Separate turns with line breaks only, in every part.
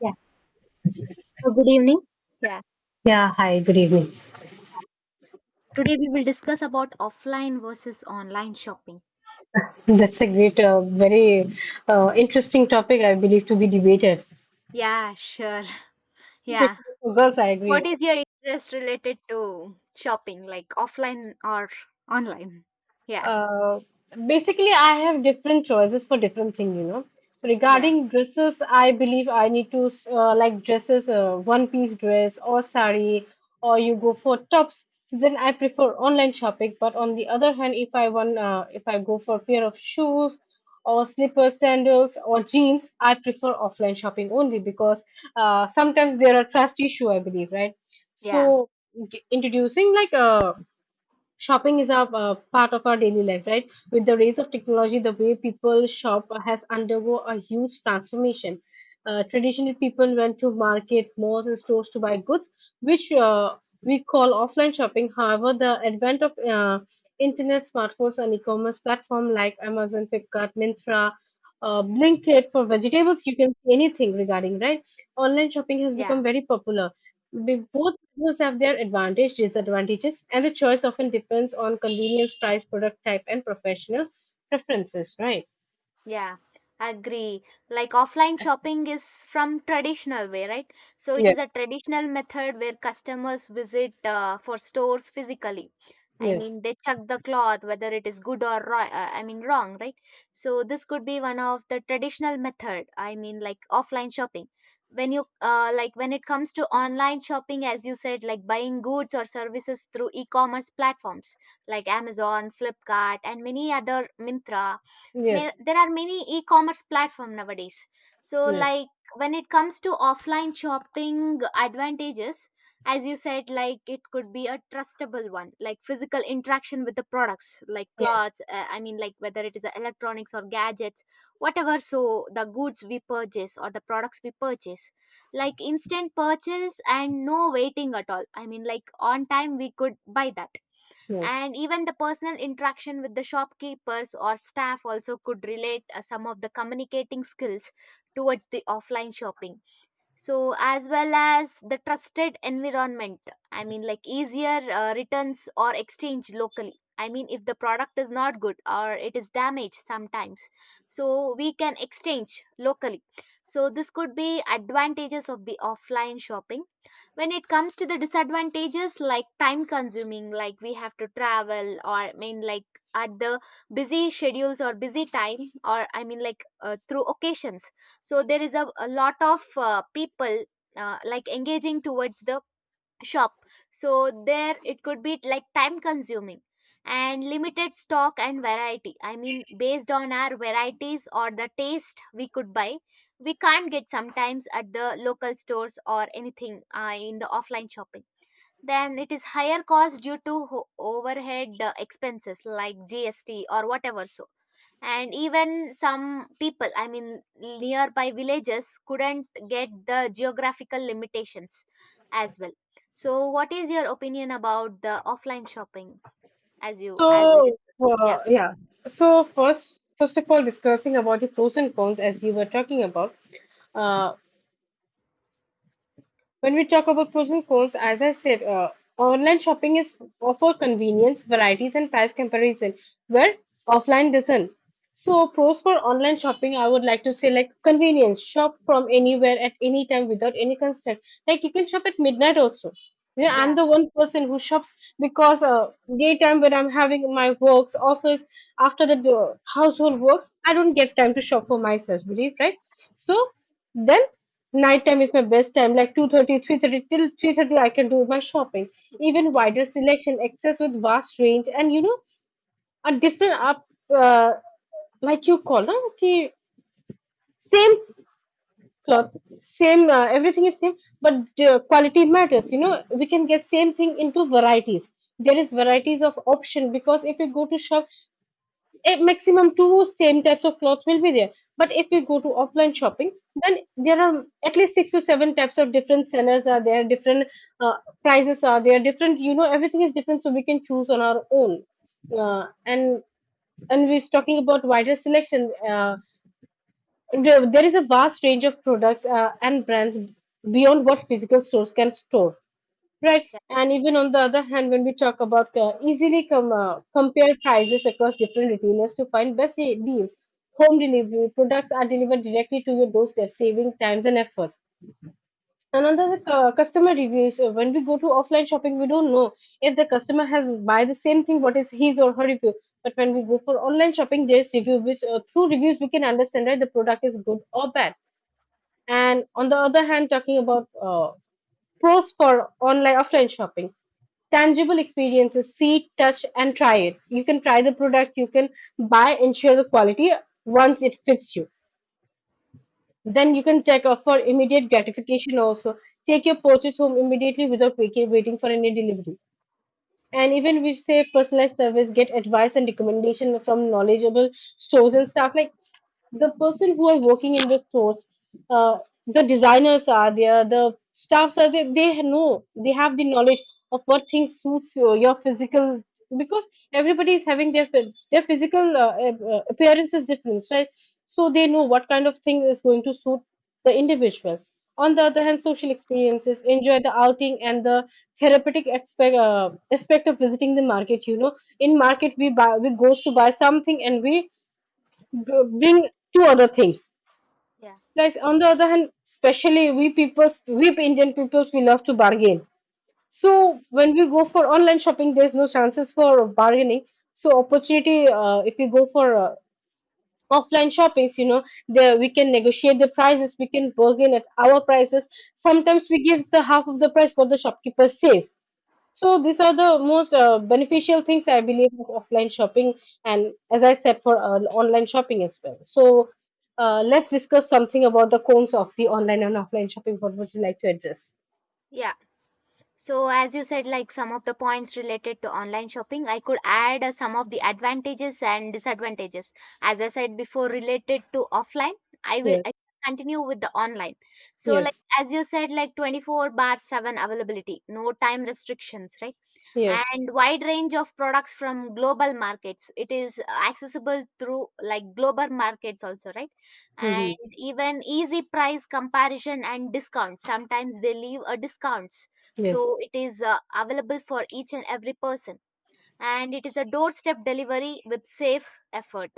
Yeah, so good evening. Yeah,
Yeah, hi, good evening.
today we will discuss about offline versus online shopping.
That's a great, very interesting topic, I believe, to be debated.
Yeah, sure. Yeah.
Especially for girls, I agree.
What is your interest related to shopping, like offline or online? Yeah,
Uh, Basically, I have different choices for different thing, you know.
yeah,
Regarding dresses, I believe I need to like dresses, one piece dress or sari, or you go for tops. Then I prefer online shopping. But on the other hand, if I want, if I go for pair of shoes or slippers, sandals or jeans, I prefer offline shopping only because sometimes there are trust issue, I believe, right?
yeah,
So introducing like a shopping is a part of our daily life, right? With the rise of technology, the way people shop has undergo a huge transformation. Traditionally, people went to market, malls and stores to buy goods, which we call offline shopping. However, the advent of internet, smartphones and e-commerce platform like Amazon, Flipkart, Mintra, Blinkit for vegetables, you can see anything regarding, right? Online shopping has
yeah.
become very popular. Both models have their advantages, disadvantages, and the choice often depends on convenience, price, product type, and professional preferences, right?
Yeah, agree. Like offline shopping is from traditional way, right? So it is
Yes.
a traditional method where customers visit for stores physically. I
Yes,
mean, they check the cloth whether it is good or I mean wrong, right? So this could be one of the traditional method. I mean, like offline shopping. When you like when it comes to online shopping, as you said, like buying goods or services through e-commerce platforms like Amazon, Flipkart, and many other Mintra may,
yes,
there are many e-commerce platform nowadays, so
yes,
like when it comes to offline shopping advantages, as you said, like it could be a trustable one, like physical interaction with the products like
yes,
clothes, I mean like whether it is electronics or gadgets, whatever. So the goods we purchase or the products we purchase, like instant purchase and no waiting at all, I mean like on time we could buy that.
yes.
And even the personal interaction with the shopkeepers or staff also could relate some of the communicating skills towards the offline shopping, so as well as the trusted environment. I mean, like easier returns or exchange locally, I mean if the product is not good or it is damaged sometimes, so we can exchange locally. So this could be advantages of the offline shopping. When it comes to the disadvantages, like time consuming, like we have to travel, or I mean like at the busy schedules or busy time, or I mean like through occasions, so there is a lot of people like engaging towards the shop, so there it could be like time consuming. And limited stock and variety, I mean based on our varieties or the taste we could buy, we can't get sometimes at the local stores or anything in the offline shopping. Then it is higher cost due to overhead expenses like GST or whatever. So, and even some people, I mean nearby villages couldn't get the geographical limitations as well. So what is your opinion about the offline shopping as you as we
So,
discussed? Yeah
yeah. So first of all, discussing about the pros and cons as you were talking about. Uh, When we talk about pros and cons, as I said, online shopping is for convenience, varieties, and price comparison, where offline doesn't. So, pros for online shopping, I would like to say like convenience. Shop from anywhere at any time without any constraint. Like you can shop at midnight also. Yeah, I'm
yeah
the one person who shops because daytime when I'm having my works, office, after the household works, I don't get time to shop for myself, believe, right? So then nighttime is my best time, like 2:30, 3:30 till 3:30 I can do my shopping. Even
yeah
wider selection, access with vast range and, you know, a different up, uh, like you call, no? Okay, same cloth, same everything is same, but quality matters, you know. We can get same thing into varieties. There is varieties of option because if you go to shop, a maximum two same types of clothes will be there. But if you go to offline shopping, then there are at least 6 to 7 types of different sellers are there, different uh, prices are there, different, you know, everything is different, so we can choose on our own. Uh, and and we're talking about wider selection. There is a vast range of products and brands beyond what physical stores can store, right? And even on the other hand, when we talk about easily compare prices across different retailers to find best deals, home delivery, products are delivered directly to your doorstep, saving times and effort. And on the other, customer reviews, when we go to offline shopping, we don't know if the customer has buy the same thing, what is his or her review. But when we go for online shopping, there's review which through reviews we can understand, right? The product is good or bad. And on the other hand, talking about pros for online offline shopping, tangible experiences, see, touch, and try it. You can try the product, you can buy, ensure the quality once it fits you. Then you can take up for immediate gratification also. Take your purchase home immediately without waiting for any delivery. And even we say personalized service, get advice and recommendation from knowledgeable stores and staff. Like the person who are working in the stores, uh, the designers are there, the staffs are there. They know, they have the knowledge of what things suits your physical, because everybody is having their their physical appearance is different, right? So they know what kind of thing is going to suit the individual. On the other hand, social experiences, enjoy the outing and the therapeutic aspect of visiting the market, you know. In market we buy, we goes to buy something and we bring two other things,
yeah
like on the other hand, especially we people, we Indian peoples, we love to bargain. So when we go for online shopping, there's no chances for bargaining. So opportunity, if we go for offline shoppings, you know, there we can negotiate the prices, we can bargain at our prices, sometimes we give the half of the price what the shopkeeper says. So these are the most beneficial things I believe of offline shopping, and as I said for online shopping as well. So let's discuss something about the cons of the online and offline shopping. What would you like to address?
yeah So, as you said, like some of the points related to online shopping, I could add some of the advantages and disadvantages. As I said before, related to offline, I will
Yes,
I continue with the online. So, like,
yes,
as you said, like 24/7 availability, no time restrictions, right?
yes,
And wide range of products from global markets, it is accessible through like global markets also, right? And
hmm,
even easy price comparison and discounts, sometimes they leave a discounts.
yes.
So it is available for each and every person, and it is a doorstep delivery with safe effort.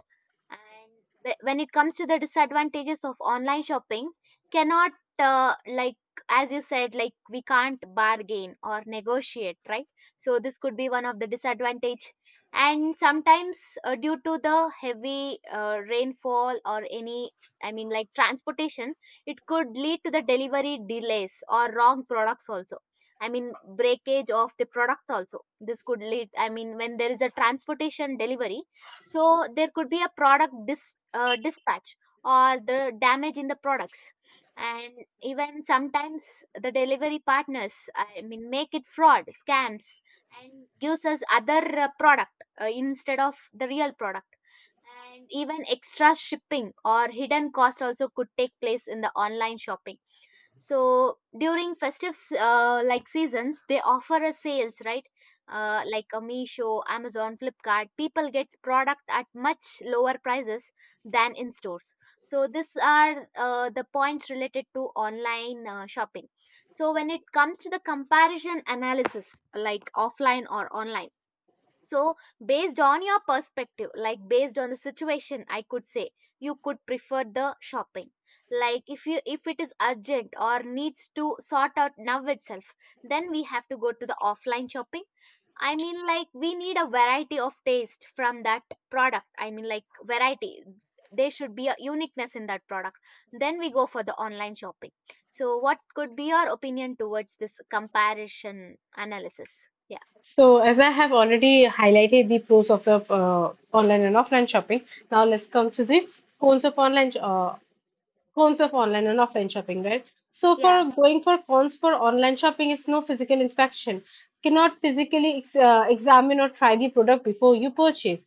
And when it comes to the disadvantages of online shopping, cannot like as you said, like we can't bargain or negotiate, right? So this could be one of the disadvantage. And sometimes due to the heavy rainfall or any, I mean like transportation, it could lead to the delivery delays or wrong products also. I mean, breakage of the product also, this could lead, I mean, when there is a transportation delivery, so there could be a product dispatch or the damage in the products. And even sometimes the delivery partners, I mean, make it fraud scams and gives us other product instead of the real product. And even extra shipping or hidden cost also could take place in the online shopping. So during festive like seasons, they offer a sales, right? Like a Meesho, Amazon, Flipkart, people get product at much lower prices than in stores. So these are the points related to online shopping. So when it comes to the comparison analysis, like offline or online, so based on your perspective, like based on the situation, I could say you could prefer the shopping. Like if you, if it is urgent or needs to sort out now itself, then we have to go to the offline shopping. I mean, like we need a variety of taste from that product. I mean, like variety. There should be a uniqueness in that product. Then we go for the online shopping. So, what could be your opinion towards this comparison analysis? Yeah,
So as I have already highlighted the pros of the online and offline shopping, now let's come to the cons of online uh, Cons of online and offline shopping, right? So
yeah.
for going for cons for online shopping is no physical inspection. Cannot physically examine or try the product before you purchase.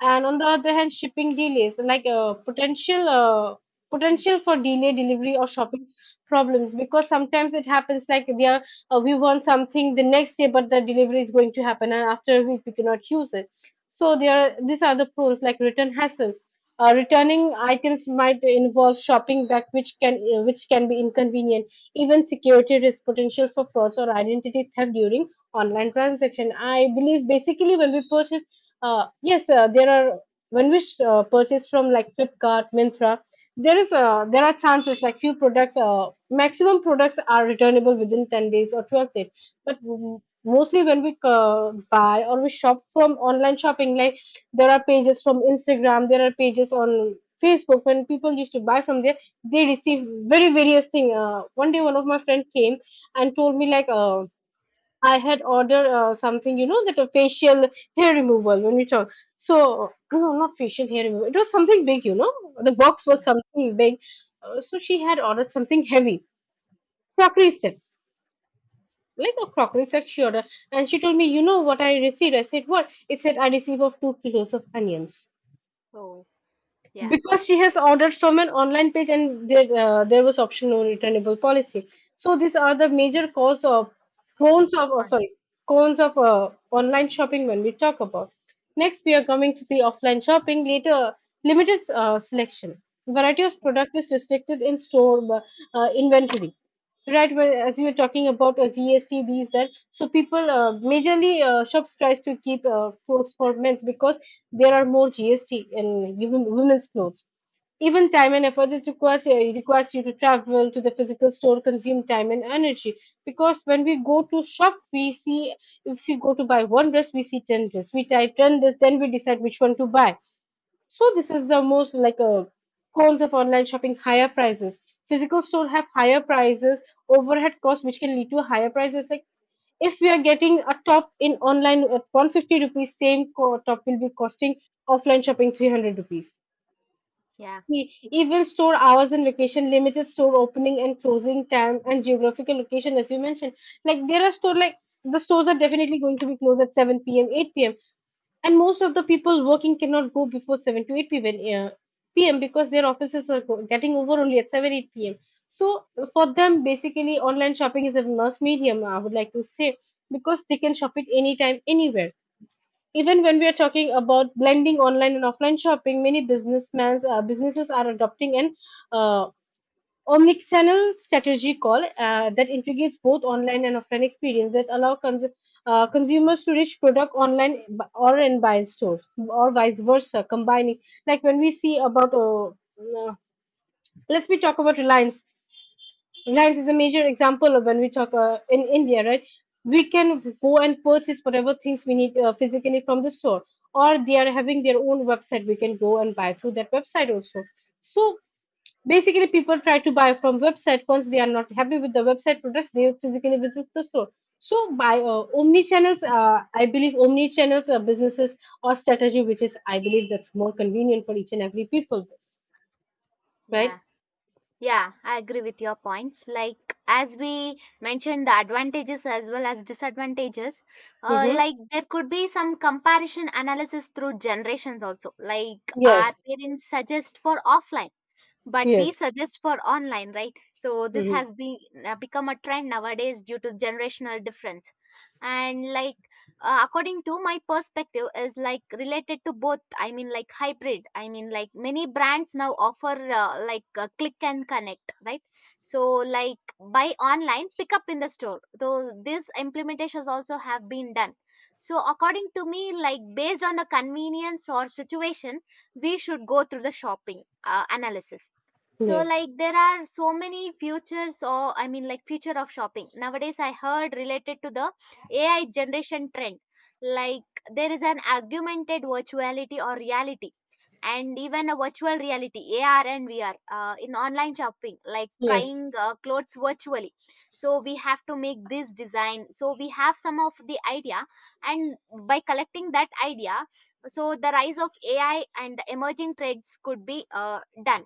And on the other hand, shipping delays, like potential for delay delivery or shopping problems, because sometimes it happens like they are, we want something the next day but the delivery is going to happen and after a week we cannot use it. So there are, these are the pros, like return hassle, returning items might involve shopping back which can be inconvenient. Even security risk, potential for frauds or identity theft during online transaction, I believe. Basically when we purchase, yes, there are when we purchase from like Flipkart, Mintra, there are chances like few products. Maximum products are returnable within 10 days or 12 days. But mostly when we buy or we shop from online shopping, like there are pages from Instagram, there are pages on Facebook. When people used to buy from there, they receive very various thing. One day, one of my friend came and told me like. I had ordered something, you know, that a facial hair removal when we talk. So, no, not facial hair removal. It was something big, you know. The box was something big. So, she had ordered something heavy, crockery set, like a crockery set she ordered. And she told me, you know what I received? I said, what? It said, I received of 2 kilos of onions.
Oh, yeah.
Because she has ordered from an online page and there, there was option no returnable policy. So these are the major cause of cons of oh,
On.
sorry cons of online shopping when we talk about. Next we are coming to the offline shopping later. Limited selection, variety of product is restricted in store inventory. Right, well, as you were talking about GST, these that, so people majorly shops tries to keep clothes for men's because there are more GST in women's clothes. Even time and effort, it requires, it requires you to travel to the physical store, consume time and energy. Because when we go to shop, we see, if we go to buy one dress, we see ten dress. We try ten dress, then we decide which one to buy. So this is the most like a cons of online shopping, higher prices. Physical store have higher prices, overhead costs which can lead to higher prices. Like if we are getting a top in online at 150 rupees, same top will be costing offline shopping 300 rupees.
Yeah,
The event store hours and location, limited store opening and closing time, and geographical location, as you mentioned. Like there are store like the stores are definitely going to be closed at 7 p.m., 8 p.m. And most of the people working cannot go before 7 to 8 p.m. Because their offices are getting over only at 7, 8 p.m. So for them, basically, online shopping is a mass medium, I would like to say, because they can shop it anytime, anywhere. Even when we are talking about blending online and offline shopping, many businessmans, businesses are adopting an uh, omnichannel strategy call, that integrates both online and offline experience that allow consumers to reach product online or and buy in store or vice versa, combining, like when we see about let's we talk about Reliance. Rice is a major example of when we talk in India, right? We can go and purchase whatever things we need physically from the store, or they are having their own website. We can go and buy through that website also. So basically, people try to buy from website. Once they are not happy with the website products, they physically visit the store. So by omni channels, I believe omni channels are businesses or strategy, which is I believe that's more convenient for each and every people,
yeah,
right?
yeah, I agree with your points. Like as we mentioned, the advantages as well as disadvantages.
Mm-hmm.
Like there could be some comparison analysis through generations also. Like our
Yes.
parents suggest for offline, but we
Yes.
suggest for online, right? So this
Mm-hmm.
has been become a trend nowadays due to generational difference. And like according to my perspective is like related to both, I mean like hybrid, I mean like many brands now offer like click and connect, right? So like buy online pick up in the store, though these implementations also have been done. So according to me, like based on the convenience or situation, we should go through the shopping analysis. So
Yes.
like there are so many futures, or I mean like future of shopping. Nowadays I heard related to the AI generation trend. Like there is an augmented virtuality or reality, and even a virtual reality, AR and VR, in online shopping, like
Yes.
trying clothes virtually. So we have to make this design. So we have some of the idea, and by collecting that idea, so the rise of AI and the emerging trends could be done.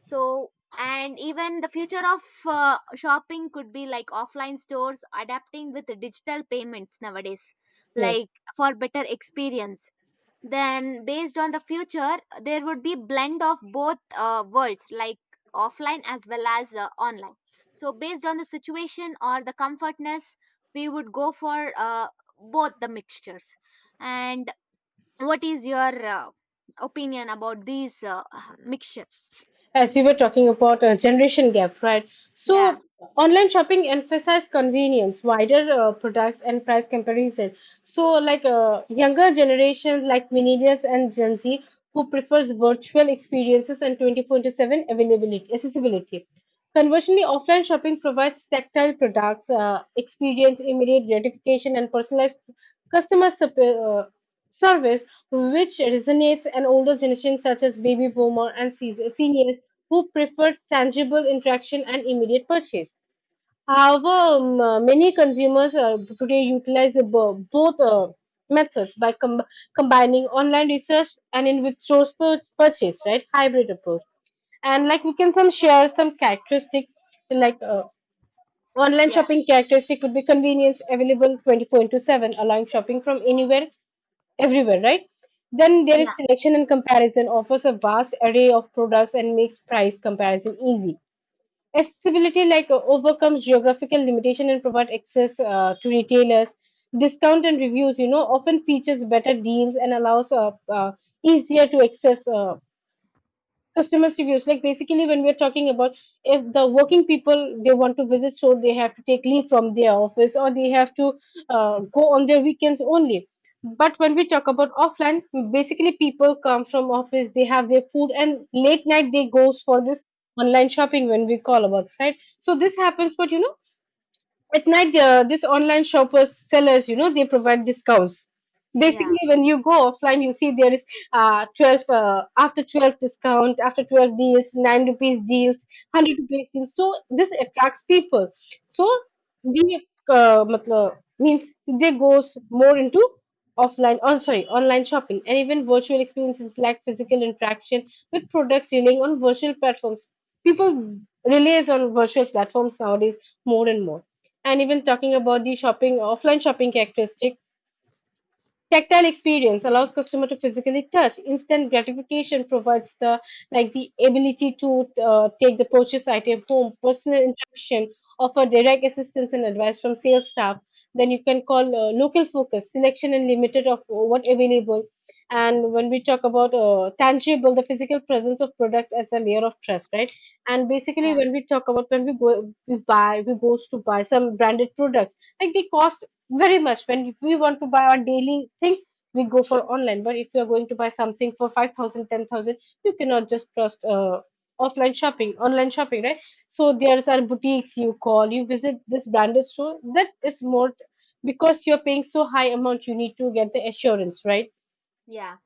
So and even the future of shopping could be like offline stores adapting with the digital payments nowadays,
Yes,
like for better experience. Then based on the future, there would be blend of both worlds, like offline as well as online. So based on the situation or the comfortness, we would go for both the mixtures. And what is your opinion about these mixture?
as you were talking about a generation gap, right?
yeah
So online shopping emphasizes convenience, wider products and price comparison. So like younger generations like millennials and Gen Z who prefers virtual experiences and 24 into 7 availability, accessibility. Conversely, offline shopping provides tactile products, experience, immediate gratification and personalized customer sup- uh, service. Which resonates an older generation such as baby boomer and seniors who prefer tangible interaction and immediate purchase. However, many consumers today utilize the both methods by combining online research and in with source purchase, right? Hybrid approach. And like we can some share some characteristic like online
yeah
shopping characteristic would be convenience available 24 into 7, allowing shopping from anywhere everywhere, right? Then there is selection and comparison offers a vast array of products and makes price comparison easy. Accessibility like overcomes geographical limitation and provide access to retailers. Discount and reviews, you know, often features better deals and allows easier to access customers reviews like basically when we're talking about if the working people they want to visit so they have to take leave from their office or they have to go on their weekends only. But when we talk about offline, basically people come from office, they have their food and late night they goes for this online shopping when we call about, right? So this happens, but you know at night this online shoppers sellers, you know, they provide discounts.
Yeah,
Basically when you go offline you see there is uh 12 uh, after 12 discount, after 12 deals, 9 rupees deals, 100 rupees deals, so this attracts people. So the matlab, means they goes more into offline, oh sorry, online shopping. And even virtual experiences like physical interaction with products relying on virtual platforms, people relies on virtual platforms nowadays more and more. And even talking about the shopping, offline shopping characteristic, tactile experience allows customer to physically touch. Instant gratification provides the like the ability to take the purchase item home. Personal interaction offer direct assistance and advice from sales staff. Then you can call local focus, selection and limited of what available. And when we talk about tangible, the physical presence of products adds a layer of trust, right? And basically,
yeah,
when we talk about when we go, we buy, we goes to buy some branded products, like they cost very much. When we want to buy our daily things we go for online, but if you're going to buy something for 5,000, 10,000, you cannot just trust offline shopping, online shopping, right? So there's our boutiques you call, you visit this branded store, that is more because you're paying so high amount you need to get the assurance, right?
yeah.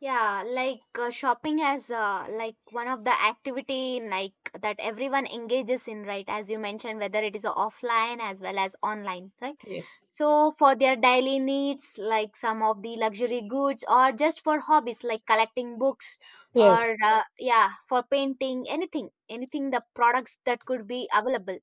Yeah, like shopping as like one of the activity, like that everyone engages in, right? As you mentioned, whether it is offline as well as online, right?
Yes,
So for their daily needs, like some of the luxury goods, or just for hobbies like collecting books,
yes.
or yeah, for painting, anything, anything the products that could be available,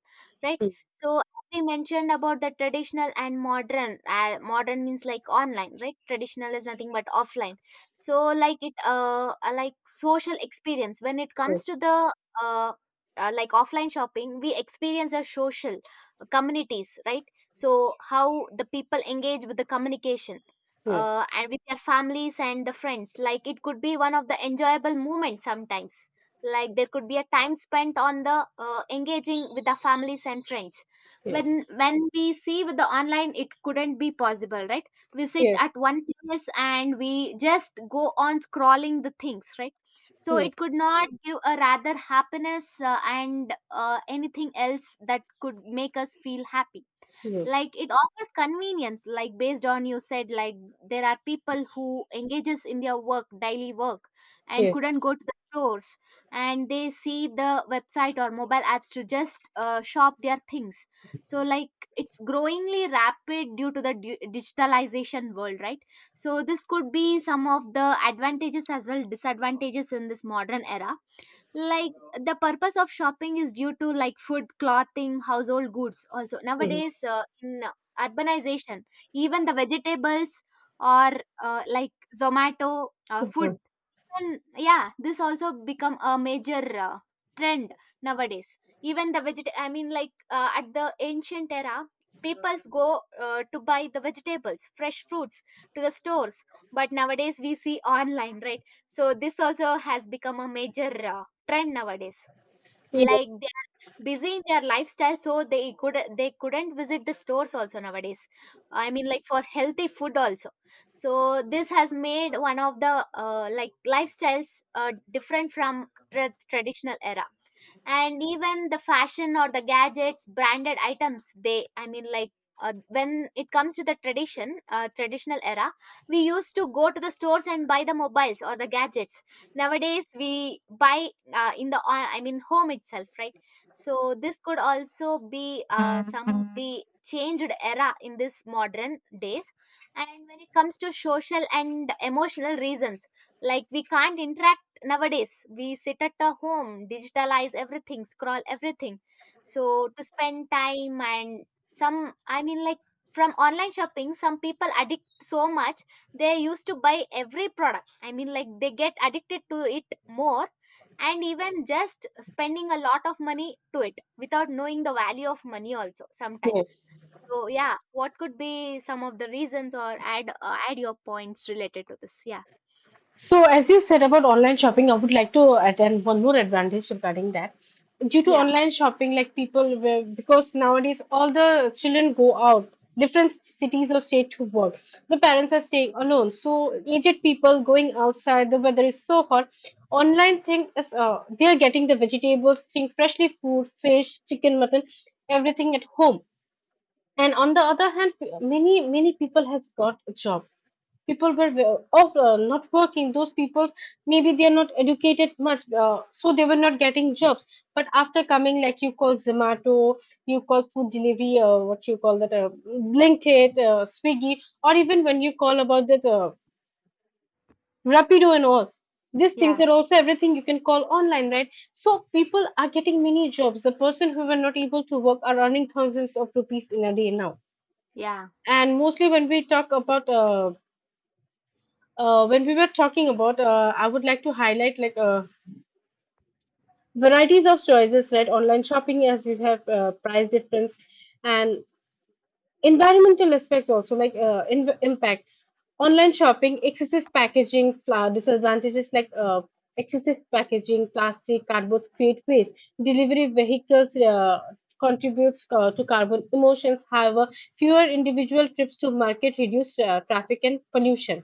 right?
Mm.
So we mentioned about the traditional and modern. Modern means like online, right? Traditional is nothing but offline. So like it like social experience when it comes
Yes,
to the uh, like offline shopping, we experience a social communities, right? So how the people engage with the communication and with their families and the friends, like it could be one of the enjoyable moments sometimes. Like there could be a time spent on the engaging with the families and friends.
yes,
When we see with the online, it couldn't be possible, right? We sit
yes, yes,
at one place and we just go on scrolling the things, right? So
yes,
it could not give a rather happiness and anything else that could make us feel happy.
yes,
Like it offers convenience, like based on you said, like there are people who engages in their work daily work and
yes.
couldn't go to the stores, and they see the website or mobile apps to just shop their things. So like it's growingly rapid due to the digitalization world, right? So this could be some of the advantages as well disadvantages in this modern era. Like the purpose of shopping is due to like food, clothing, household goods also
Mhm.
nowadays in urbanization, even the vegetables or like Zomato or
Mhm.
food. And yeah, this also become a major uh, trend nowadays. Even the veget, I mean, like at the ancient era, peoples go to buy the vegetables, fresh fruits to the stores. But nowadays we see online, right? So this also has become a major trend nowadays,
Yes,
like they are busy in their lifestyle, so they could they couldn't visit the stores also nowadays. I mean like for healthy food also. So this has made one of the like lifestyles different from traditional era. And even the fashion or the gadgets, branded items, they, I mean like when it comes to the tradition traditional era, we used to go to the stores and buy the mobiles or the gadgets. Nowadays we buy in the I mean home itself, right? So this could also be some of the changed era in this modern days. And when it comes to social and emotional reasons, like we can't interact nowadays, we sit at a home, digitalize everything, scroll everything. So to spend time and some, I mean like from online shopping, some people addict so much, they used to buy every product, I mean like they get addicted to it more. And even just spending a lot of money to it without knowing the value of money also sometimes.
yes.
So yeah, what could be some of the reasons, or add add your points related to this? Yeah
So, as you said about online shopping, I would like to add and one more advantage regarding that. Due to
yeah
online shopping, like people, because nowadays all the children go out, different cities or state to work. The parents are staying alone. So, aged people going outside, the weather is so hot. Online thing is, they are getting the vegetables, thing freshly food, fish, chicken, mutton, everything at home. And on the other hand, many people has got a job, people were wa- of not working, those people maybe they are not educated much, so they were not getting jobs. But after coming, like you call zomato, you call food delivery or what you call that blinkit, swiggy, or even when you call about that rapido and all, these things
yeah
are also everything you can call online, right? So people are getting many jobs, the person who were not able to work are earning thousands of rupees in a day now.
yeah
And mostly when we talk about when we were talking about, I would like to highlight like varieties of choices, right? Online shopping as you have price difference and environmental aspects also like impact. Online shopping excessive packaging disadvantages like excessive packaging plastic cardboard create waste, delivery vehicles contributes to carbon emissions. However, fewer individual trips to market reduce traffic and pollution.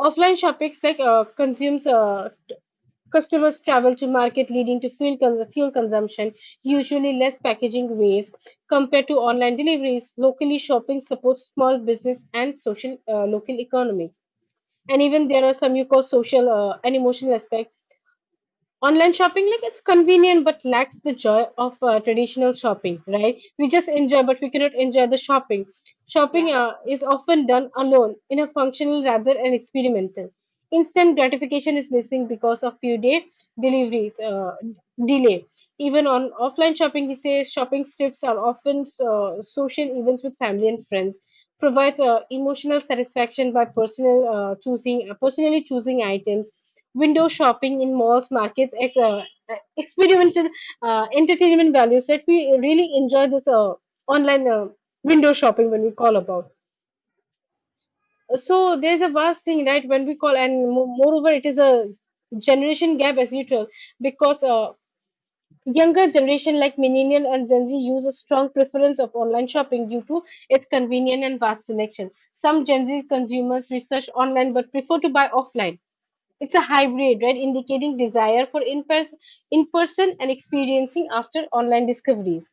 Offline shopping like, consumes customers travel to market, leading to fuel consumption, usually less packaging waste compared to online deliveries. Locally, shopping supports small business and social local economy. And even there are some you call social and emotional aspects. Online shopping, like it's convenient but lacks the joy of traditional shopping, right? We just enjoy, but we cannot enjoy the shopping. Shopping
yeah
is often done alone in a functional rather than experimental. Instant gratification is missing because of few day deliveries delay. Even on offline shopping, he says shopping trips are often social events with family and friends. Provides emotional satisfaction by personal choosing, personally choosing items. Window shopping in malls, markets, experimental entertainment values that we really enjoy this online window shopping when we call about. So there's a vast thing, right? When we call, and moreover, it is a generation gap as usual because younger generation like millennial and Gen Z use a strong preference of online shopping due to its convenient and vast selection. Some Gen Z consumers research online but prefer to buy offline, it's a hybrid, right? Indicating desire for in-person and experiencing after online discoveries.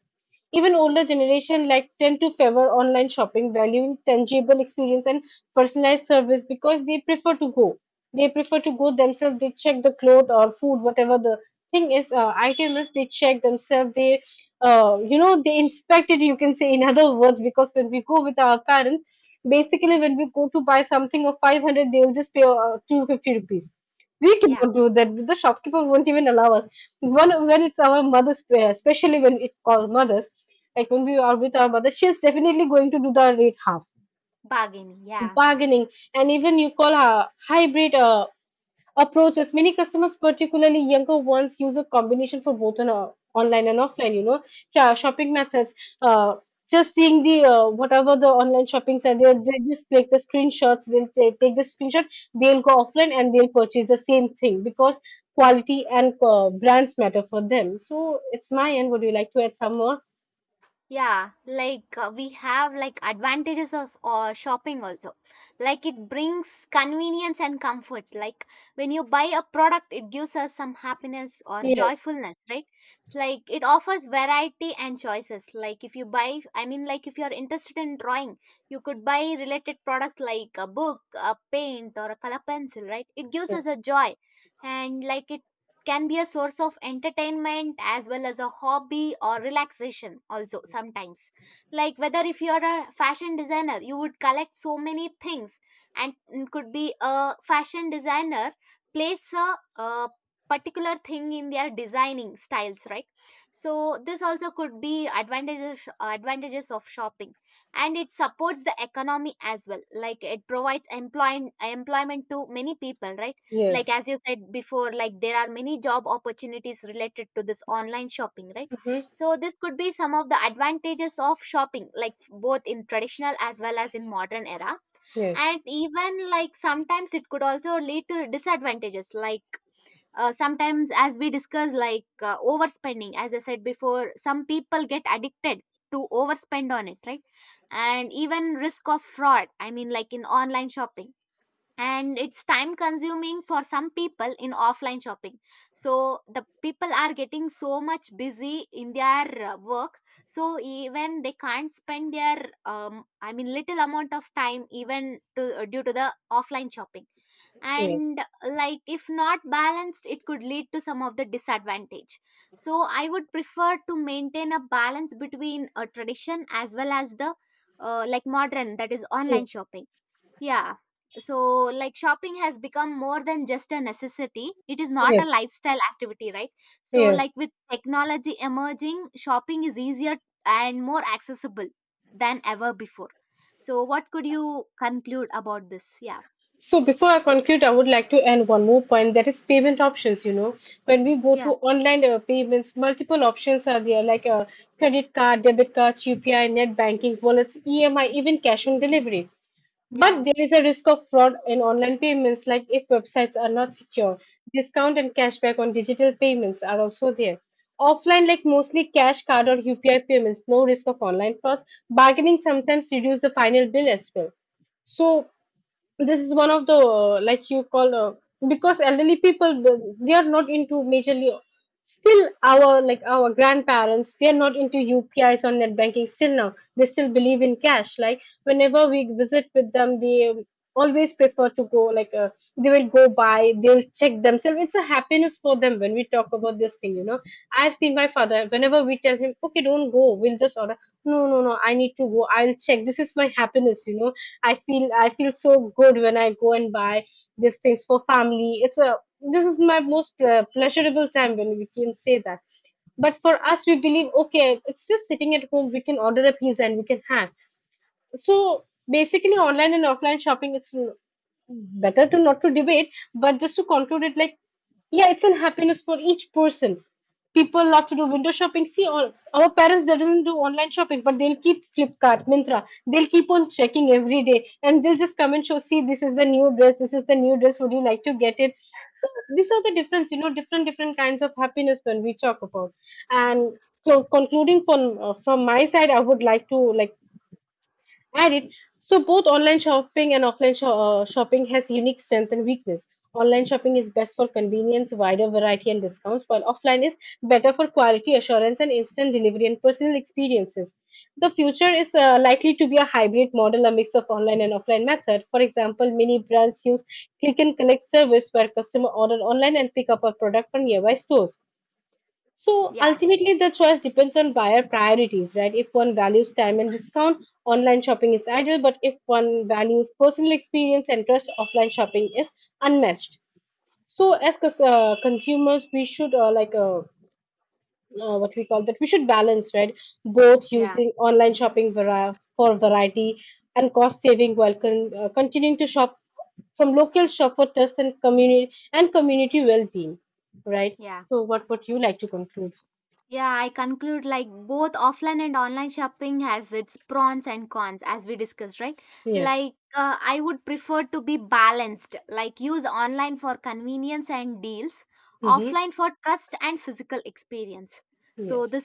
Even older generation like tend to favor online shopping, valuing tangible experience and personalized service because they prefer to go. They prefer to go themselves. They check the cloth or food, whatever the thing is, item is. They check themselves. They, you know, they inspect it. You can say in other words, because when we go with our parents, basically when we go to buy something of 500, they'll just pay 250 rupees, we
Yeah,
cannot do that. The shopkeeper won't even allow us. One when it's our mother's prayer, especially when it calls mothers, like when we are with our mother, she's definitely going to do the rate half
bargaining. Yeah,
bargaining, and even you call her hybrid. Approaches many customers particularly younger ones use a combination for both an online and offline, you know, shopping methods, uh, just seeing the whatever the online shopping site, they just click the screenshots, they'll take the screenshot, they'll go offline and they'll purchase the same thing because quality and brands matter for them. So it's my end, would you like to add some more?
yeah. Like we have like advantages of shopping also. Like it brings convenience and comfort. Like when you buy a product, it gives us some happiness or
Yes,
joyfulness, right? It's like it offers variety and choices. Like if you buy, I mean, like if you are interested in drawing, you could buy related products like a book, a paint, or a color pencil, right? It gives
yes,
us a joy, and like it can be a source of entertainment as well as a hobby or relaxation also sometimes. Like whether if you're a fashion designer, you would collect so many things, and it could be a fashion designer place a particular thing in their designing styles, right? So this also could be advantages of shopping. And it supports the economy as well, like it provides employment to many people, right? Like
yes.
as you said before, like there are many job opportunities related to this online shopping, right?
Hmm.
So this could be some of the advantages of shopping, like both in traditional as well as in modern era.
Yes,
And even like sometimes it could also lead to disadvantages, like sometimes, as we discussed, like overspending, as I said before, some people get addicted to overspend on it, right? And even risk of fraud, I mean like in online shopping. And it's time consuming for some people in offline shopping, so the people are getting so much busy in their work, so even they can't spend their I mean little amount of time even to, due to the offline shopping.
yes,
And like if not balanced, it could lead to some of the disadvantage. So I would prefer to maintain a balance between a tradition as well as the like modern, that is
yes,
online shopping. Yeah. So, like shopping has become more than just a necessity. It is not a
yes,
lifestyle activity, right? So,
yes.
like with technology emerging, shopping is easier and more accessible than ever before. So, what could you conclude about this? Yeah.
So before I conclude, I would like to add one more point that is payment options. You know, when we go
Yeah.
to online payments, multiple options are there like a credit card, debit cards, UPI, net banking, wallets, EMI, even cash on delivery. But
Yeah.
there is a risk of fraud in online payments, like if websites are not secure. Discount and cashback on digital payments are also there. Offline, like mostly cash, card, or UPI payments, no risk of online frauds. Bargaining sometimes reduce the final bill as well. So this is one of the like you call because elderly people they are not into majorly still. Our like our grandparents, they are not into UPIs or net banking still now, they still believe in cash. Like whenever we visit with them they always prefer to go, like they will go by, they'll check themselves, it's a happiness for them when we talk about this thing, you know. I've seen my father, whenever we tell him, okay, don't go, we'll just order, no, no, no, I need to go, I'll check, this is my happiness, you know. I feel so good when I go and buy these things for family. It's a, this is my most pleasurable time when we can say that. But for us, we believe okay, it's just sitting at home. We can order a pizza and we can have. So basically, online and offline shopping, it's better to not to debate, but just to conclude it like, yeah, it's an happiness for each person. People love to do window shopping. See, all our parents they doesn't do online shopping, but they'll keep Flipkart, Mintra. They'll keep on checking every day, and they'll just come and show. See, this is the new dress. This is the new dress. Would you like to get it? So these are the difference. You know, different different kinds of happiness when we talk about. And so concluding from my side, I would like to like add it. So both online shopping and shopping has unique strength and weakness. Online shopping is best for convenience, wider variety and discounts, while offline is better for quality assurance and instant delivery and personal experiences. The future is likely to be a hybrid model, a mix of online and offline method. For example, many brands use click and collect service where customer order online and pick up a product from nearby stores. So
Yeah.
ultimately, the choice depends on buyer priorities, right? If one values time and discount, online shopping is ideal. But if one values personal experience and trust, offline shopping is unmatched. So
Yeah.
as consumers, we should like what we call that we should balance, right? Both
Yeah.
using online shopping for variety and cost saving while continuing to shop from local shop for trust and community well-being, right?
Yeah.
So what would you like to conclude?
Yeah, I conclude like both offline and online shopping has its pros and cons as we discussed, right?
Yes.
Like I would prefer to be balanced, like use online for convenience and deals,
Mm-hmm.
offline for trust and physical experience. So
Yes.
this